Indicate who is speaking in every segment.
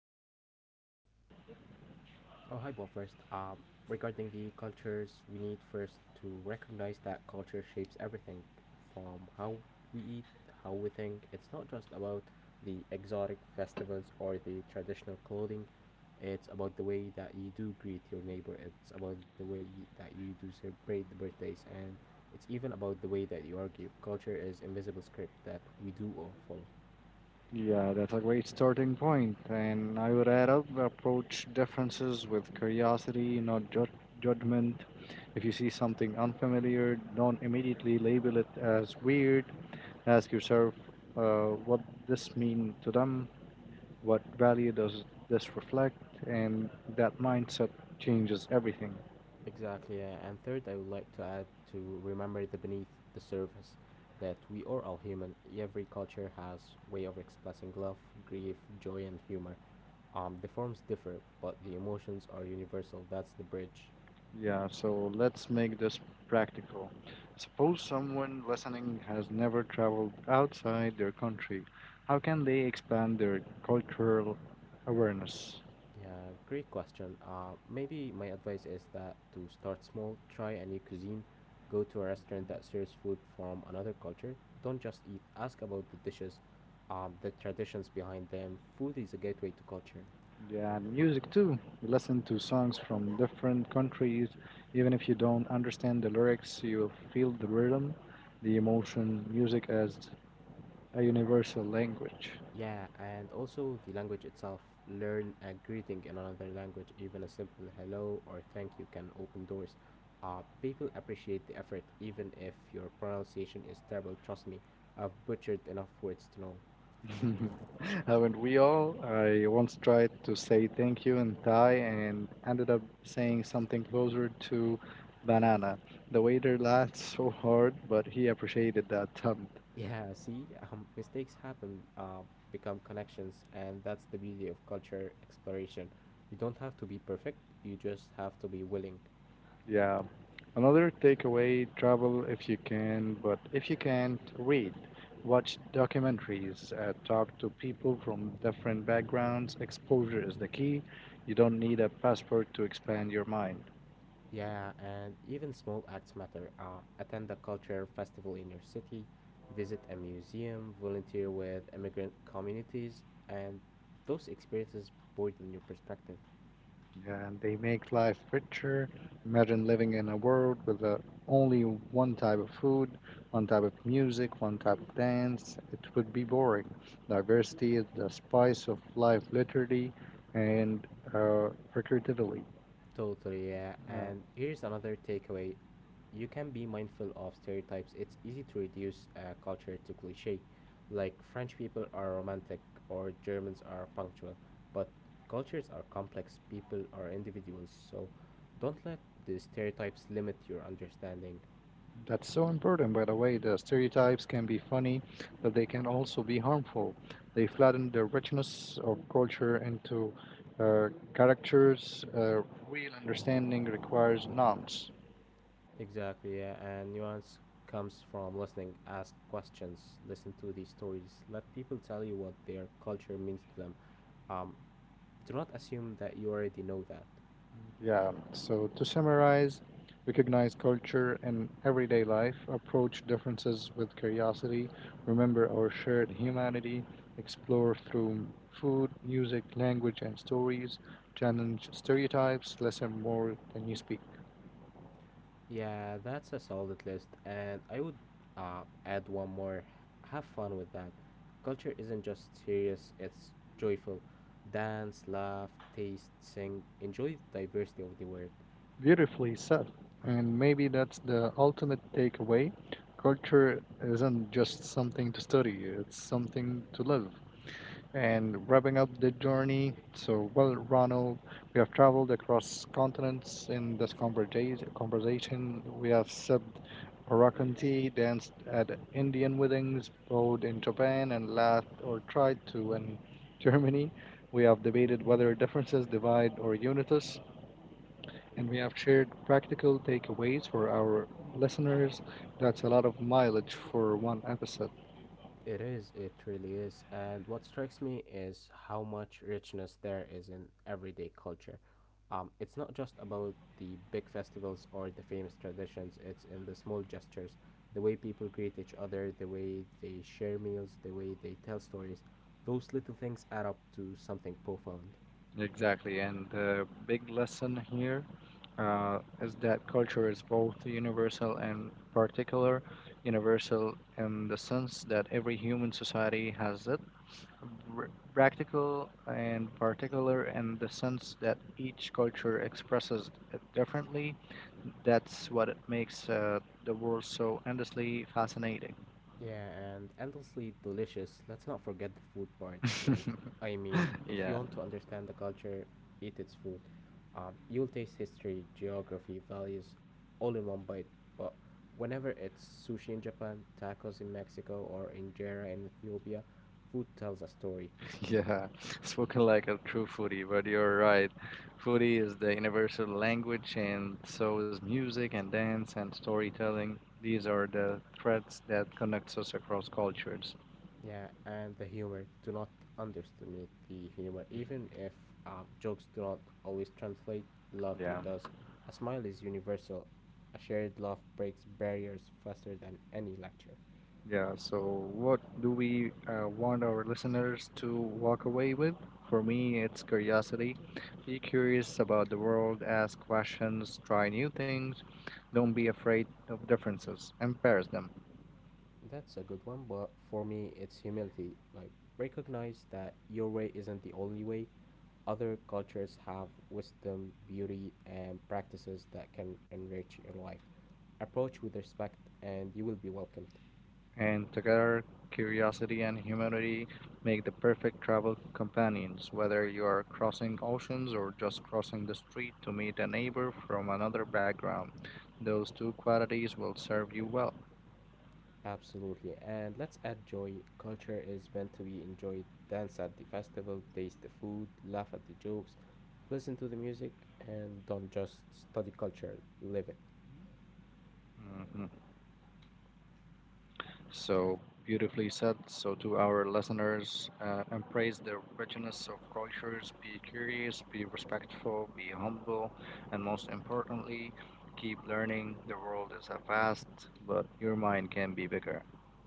Speaker 1: about cultures.
Speaker 2: Oh, hi, Bo. First, regarding the cultures, we need first to recognize that culture shapes everything from how we eat, how we think. It's not just about the exotic festivals or the traditional clothing. It's about the way that you do greet your neighbor. It's about the way you, that you do celebrate the birthdays, and it's even about the way that you argue. Culture is invisible script that we do all follow.
Speaker 1: Yeah, that's a great starting point, and I would add up approach differences with curiosity, not ju- judgment. If you see something unfamiliar, don't immediately label it as weird. Ask yourself what this mean to them. What value does this reflect? And that mindset changes everything.
Speaker 2: Exactly, yeah. And third, I would like to add to remember the beneath the surface that we are all human. Every culture has way of expressing love, grief, joy, and humor. The forms differ, but the emotions are universal. That's the bridge.
Speaker 1: Yeah, so let's make this practical. Suppose someone listening has never traveled outside their country. How can they expand their cultural awareness?
Speaker 2: Yeah, great question. Maybe my advice is that to start small, try a new cuisine, go to a restaurant that serves food from another culture. Don't just eat. Ask about the dishes, the traditions behind them. Food is a gateway to culture.
Speaker 1: Yeah, and music too. Listen to songs from different countries. Even if you don't understand the lyrics, you'll feel the rhythm, the emotion. Music as a universal language.
Speaker 2: Yeah, and also the language itself. Learn a greeting in another language, even a simple hello or thank you can open doors. People appreciate the effort, even if your pronunciation is terrible. Trust me, I've butchered enough words to know.
Speaker 1: Haven't we all? I once tried to say thank you in Thai and ended up saying something closer to banana. The waiter laughed so hard, but he appreciated the attempt.
Speaker 2: Yeah, see, mistakes happen, become connections, and that's the beauty of culture exploration. You don't have to be perfect, you just have to be willing.
Speaker 1: Yeah. Another takeaway travel if you can, but if you can't, read. Watch documentaries, talk to people from different backgrounds. Exposure is the key. You don't need a passport to expand your mind.
Speaker 2: Yeah, and even small acts matter. Attend a culture festival in your city, visit a museum, volunteer with immigrant communities, and those experiences broaden your perspective.
Speaker 1: And they make life richer. Imagine living in a world with only one type of food, one type of music, one type of dance. It would be boring. Diversity is the spice of life, literally and figuratively.
Speaker 2: Totally, yeah.
Speaker 1: Uh,
Speaker 2: And here's another takeaway, you can be mindful of stereotypes. It's easy to reduce a culture to cliche, like French people are romantic or Germans are punctual, but cultures are complex, people are individuals, so don't let the stereotypes limit your understanding.
Speaker 1: that's so important, by the way. The stereotypes can be funny, but they can also be harmful. They flatten the richness of culture into uh, characters. Real understanding requires norms.
Speaker 2: Exactly, yeah, and nuance comes from listening. Ask questions, listen to these stories, let people tell you what their culture means to them. Um, do not assume that you already know that.
Speaker 1: Yeah, so to summarize, recognize culture in everyday life, approach differences with curiosity, remember our shared humanity, explore through food, music, language, and stories, challenge stereotypes, listen more than you speak.
Speaker 2: Yeah, that's a solid list, and I would add one more. Have fun with that. Culture isn't just serious, it's joyful. Dance, laugh, taste, sing. Enjoy the diversity of the word.
Speaker 1: Beautifully said. And maybe that's the ultimate takeaway. Culture isn't just something to study, it's something to live. And wrapping up the journey, so well, Ronald, we have traveled across continents in this conversation. We have sipped Moroccan tea, danced at Indian weddings, rode in Japan, and laughed or tried to in Germany. We have debated whether differences divide or unite us, and we have shared practical takeaways for our listeners. That's a lot of mileage for one episode.
Speaker 2: It is, it really is. And what strikes me is how much richness there is in everyday culture. It's not just about the big festivals or the famous traditions, it's in the small gestures, the way people greet each other, the way they share meals, the way they tell stories. Those little things add up to something profound.
Speaker 1: Exactly, and the big lesson here is that culture is both universal and particular. Universal in the sense that every human society has it, practical and particular in the sense that each culture expresses it differently. That's what it makes the world so endlessly fascinating.
Speaker 2: Yeah, and endlessly delicious. Let's not forget the food part. Like, I mean, if you
Speaker 1: Yeah.
Speaker 2: want to understand the culture, eat its food. You'll taste history, geography, values, all in one bite. But whenever it's sushi in Japan, tacos in Mexico, or injera in Ethiopia, food tells a story.
Speaker 1: Yeah, spoken like a true foodie, but you're right. Foodie is the universal language, and so is music and dance and storytelling. These are the threads that connects us across cultures.
Speaker 2: Yeah, and the humor. Do not underestimate the humor. Even if jokes do not always translate, laughter
Speaker 1: Yeah.
Speaker 2: does. A smile is universal. A shared laugh breaks barriers faster than any lecture.
Speaker 1: Yeah, so what do we want our listeners to walk away with? For me, it's curiosity. Be curious about the world, ask questions, try new things. Don't be afraid of differences, embrace them.
Speaker 2: That's a good one, but for me, it's humility. Like, recognize that your way isn't the only way. Other cultures have wisdom, beauty, and practices that can enrich your life. Approach with respect, and you will be welcomed.
Speaker 1: And together, curiosity and humanity make the perfect travel companions, whether you are crossing oceans or just crossing the street to meet a neighbor from another background. Those two qualities will serve you well.
Speaker 2: Absolutely. And let's add joy. Culture is meant to be enjoyed. Dance at the festival, taste the food, laugh at the jokes, listen to the music, and don't just study culture, live it.
Speaker 1: Hmm. So beautifully said. So to our listeners, embrace the richness of cultures, be curious, be respectful, be humble, and most importantly, keep learning. The world is a vast, but your mind can be bigger.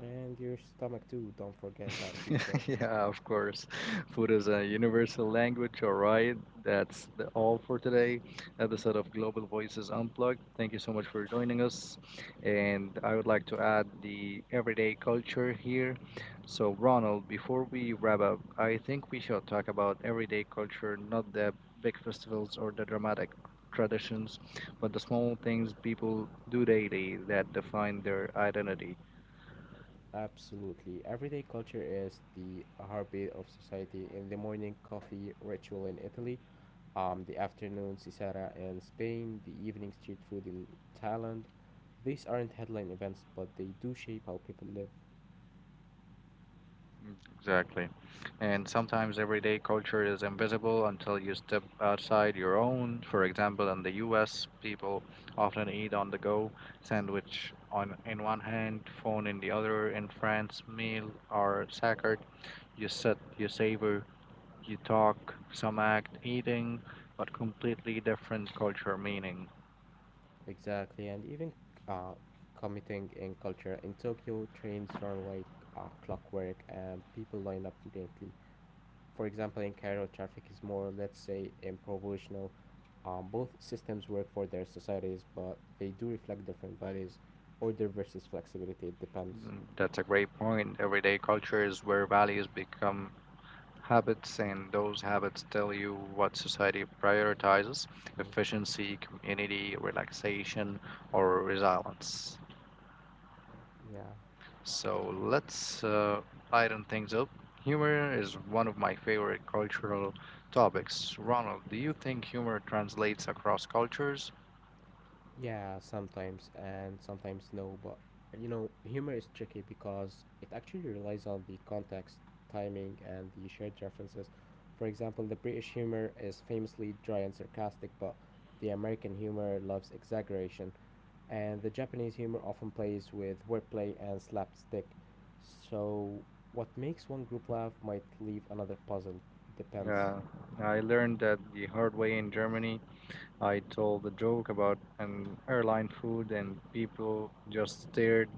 Speaker 2: And your stomach too, don't forget that food part.
Speaker 1: Yeah, of course. Food is a universal language, all right. That's the, all for today. Episode of Global Voices Unplugged. Thank you so much for joining us. And I would like to add the everyday culture here.
Speaker 2: Yeah.
Speaker 1: So, Ronald, before we wrap up, I think we should talk about everyday culture, not the big festivals or the dramatic traditions, but the small things people do daily that define their identity.
Speaker 2: Absolutely. Everyday culture is the heartbeat of society. In the morning, coffee ritual in Italy, the afternoon, sisara in Spain, the evening, street food in Thailand. These aren't headline events, but they do shape how people live.
Speaker 1: Mm, exactly. And sometimes everyday culture is invisible until you step outside your own. For example, in the US, people often eat on the go, sandwich on in one hand, phone in the other. In France, meal are sacred. You sit, you savor, you talk, some act, eating, but completely different culture meaning.
Speaker 2: Exactly, and even uh, committing in culture in Tokyo, trains run like clockwork, and people line up immediately. For example, in Cairo, traffic is more, let's say, improvisational. Both systems work for their societies, but they do reflect different values. Order versus flexibility, it depends.
Speaker 1: Mm, that's a great point. Everyday culture is where values become habits, and those habits tell you what society prioritizes,
Speaker 2: Mhm.
Speaker 1: efficiency, community, relaxation, or resilience.
Speaker 2: Yeah.
Speaker 1: So let's lighten things up. Humor is one of my favorite cultural topics. Ronald, do you think humor translates across cultures?
Speaker 2: Yeah, sometimes and sometimes no, but you know, humor is tricky because it actually relies on the context, timing, and the shared references. For example, the British humor is famously dry and sarcastic, but the American humor loves exaggeration, and the Japanese humor often plays with wordplay and slapstick. So, what makes one group laugh might leave another puzzled. It depends.
Speaker 1: Yeah, I learned that the hard way in Germany. I told a joke about an airline food and people just stared.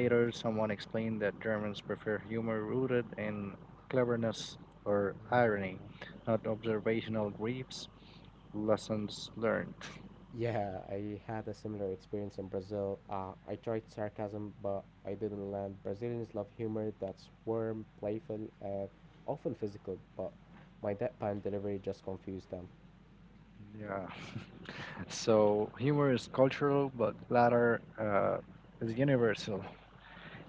Speaker 2: Mhm.
Speaker 1: someone explained that Germans prefer humor rooted in cleverness or irony,
Speaker 2: Yeah.
Speaker 1: not observational gripes. Lessons learned.
Speaker 2: Yeah, I had a similar experience in Brazil. I tried sarcasm, but I didn't land. Brazilians love humor that's warm, playful, and often physical, but my deadpan delivery just confused them.
Speaker 1: Yeah. So humor is cultural, but latter is universal.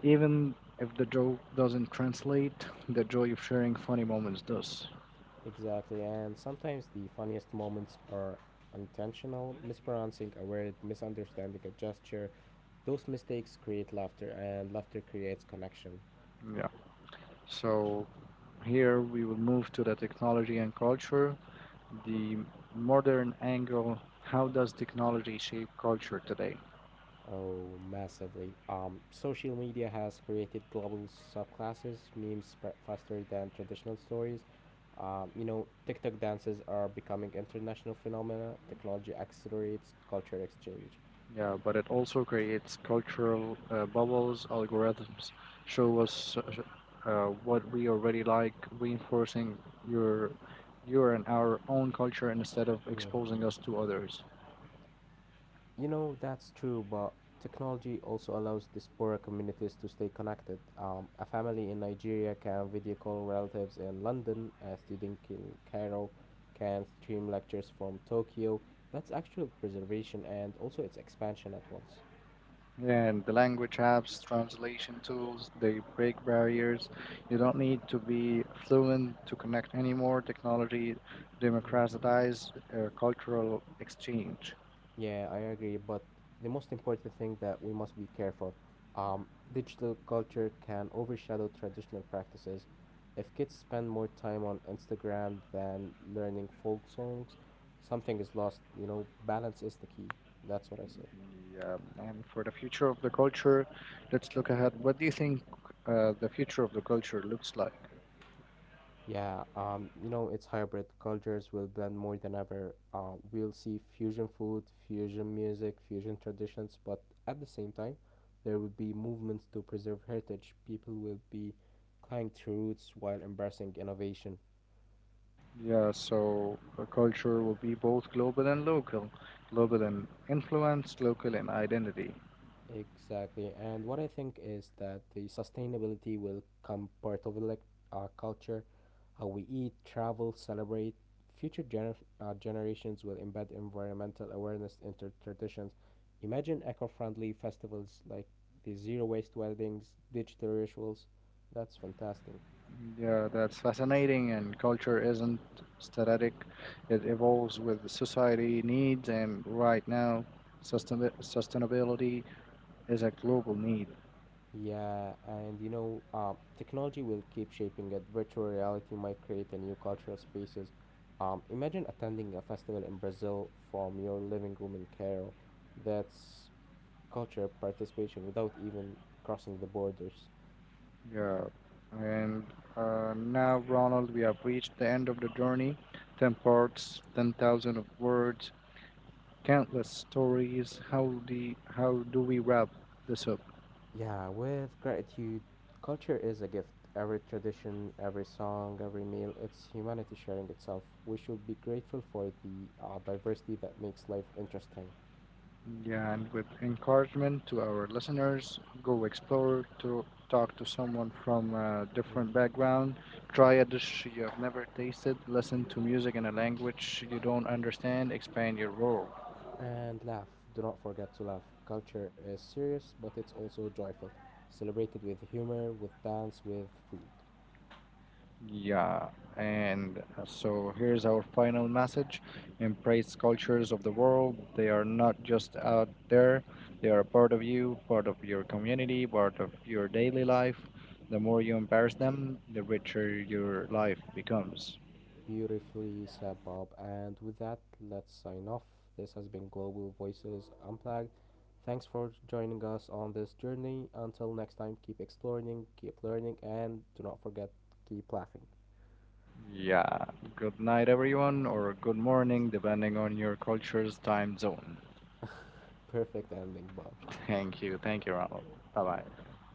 Speaker 1: Even if the joke doesn't translate, the joy of sharing funny moments does.
Speaker 2: Exactly, and sometimes the funniest moments are intentional, mispronouncing a word, misunderstanding a gesture. Those mistakes create laughter, and laughter creates connection.
Speaker 1: Yeah. So here we will move to the technology and culture, the modern angle. How does technology shape culture today?
Speaker 2: Oh, massively. Social media has created global subclasses. Memes spread faster than traditional stories. You know, TikTok dances are becoming international phenomena. Technology accelerates culture exchange.
Speaker 1: Yeah, but it also creates cultural bubbles, algorithms show us what we already like, reinforcing your, your and our own culture instead of exposing us
Speaker 2: Hmm.
Speaker 1: to others.
Speaker 2: You know, that's true, but technology also allows diaspora communities to stay connected. A family in Nigeria can video call relatives in London, a student in Cairo can stream lectures from Tokyo. That's actual preservation and also its expansion at once.
Speaker 1: And the language apps, translation tools, they break barriers. You don't need to be fluent to connect anymore. Technology
Speaker 2: Hmm.
Speaker 1: democratized cultural exchange.
Speaker 2: Yeah, I agree. But the most important thing that we must be careful. Digital culture can overshadow traditional practices. If kids spend more time on Instagram than learning folk songs, something is lost. You know, balance is the key. That's what I say.
Speaker 1: Yeah, and for the future of the culture, let's look ahead. What do you think the future of the culture looks like?
Speaker 2: Yeah, you know, it's hybrid. Cultures will blend more than ever. We'll see fusion food, fusion music, fusion traditions, but at the same time, there will be movements to preserve heritage. People will be clinging to roots while embracing innovation.
Speaker 1: Yeah, so a culture will be both global and local, global in influence, local in identity.
Speaker 2: Exactly. And what I think is that the sustainability will come part of like our culture, how we eat, travel, celebrate. Future gener- Generations will embed environmental awareness into traditions. Imagine eco-friendly festivals like the zero waste weddings, digital rituals. That's fantastic.
Speaker 1: Yeah, that's fascinating. And culture isn't static, it evolves with society needs. And right now, sustainability is a global need.
Speaker 2: Yeah, and you know, technology will keep shaping it. Virtual reality might create a new cultural spaces. Imagine attending a festival in Brazil from your living room in Cairo. That's culture participation without even crossing the borders.
Speaker 1: Yeah. And now, Ronald, we have reached the end of the journey, 10 parts, 10,000 of words, countless stories. How do we wrap this up?
Speaker 2: Yeah, with gratitude, culture is a gift. Every tradition, every song, every meal, it's humanity sharing itself. We should be grateful for the diversity that makes life interesting.
Speaker 1: Yeah, and with encouragement to our listeners, go explore, to talk to someone from a different
Speaker 2: Mm.
Speaker 1: background, try a dish you have never tasted, listen to music in a language you don't understand, expand your world.
Speaker 2: And laugh. Do not forget to laugh. Culture is serious, but it's also joyful. Celebrate it with humor, with dance, with food.
Speaker 1: Yeah, and so here's our final message. Embrace cultures of the world. They are not just out there, they are a part of you, part of your community, part of your daily life. The more you embrace them, the richer your life becomes.
Speaker 2: Beautifully said, Bob. And with that, let's sign off. This has been Global Voices Unplugged. Thanks for joining us on this journey. Until next time, keep exploring, keep learning, and do not forget, keep laughing.
Speaker 1: Yeah, good night, everyone, or good morning, depending on your culture's time zone.
Speaker 2: Perfect ending, Bob.
Speaker 1: Thank you, Ronald. Bye
Speaker 2: Uh,
Speaker 1: bye.
Speaker 2: My bad.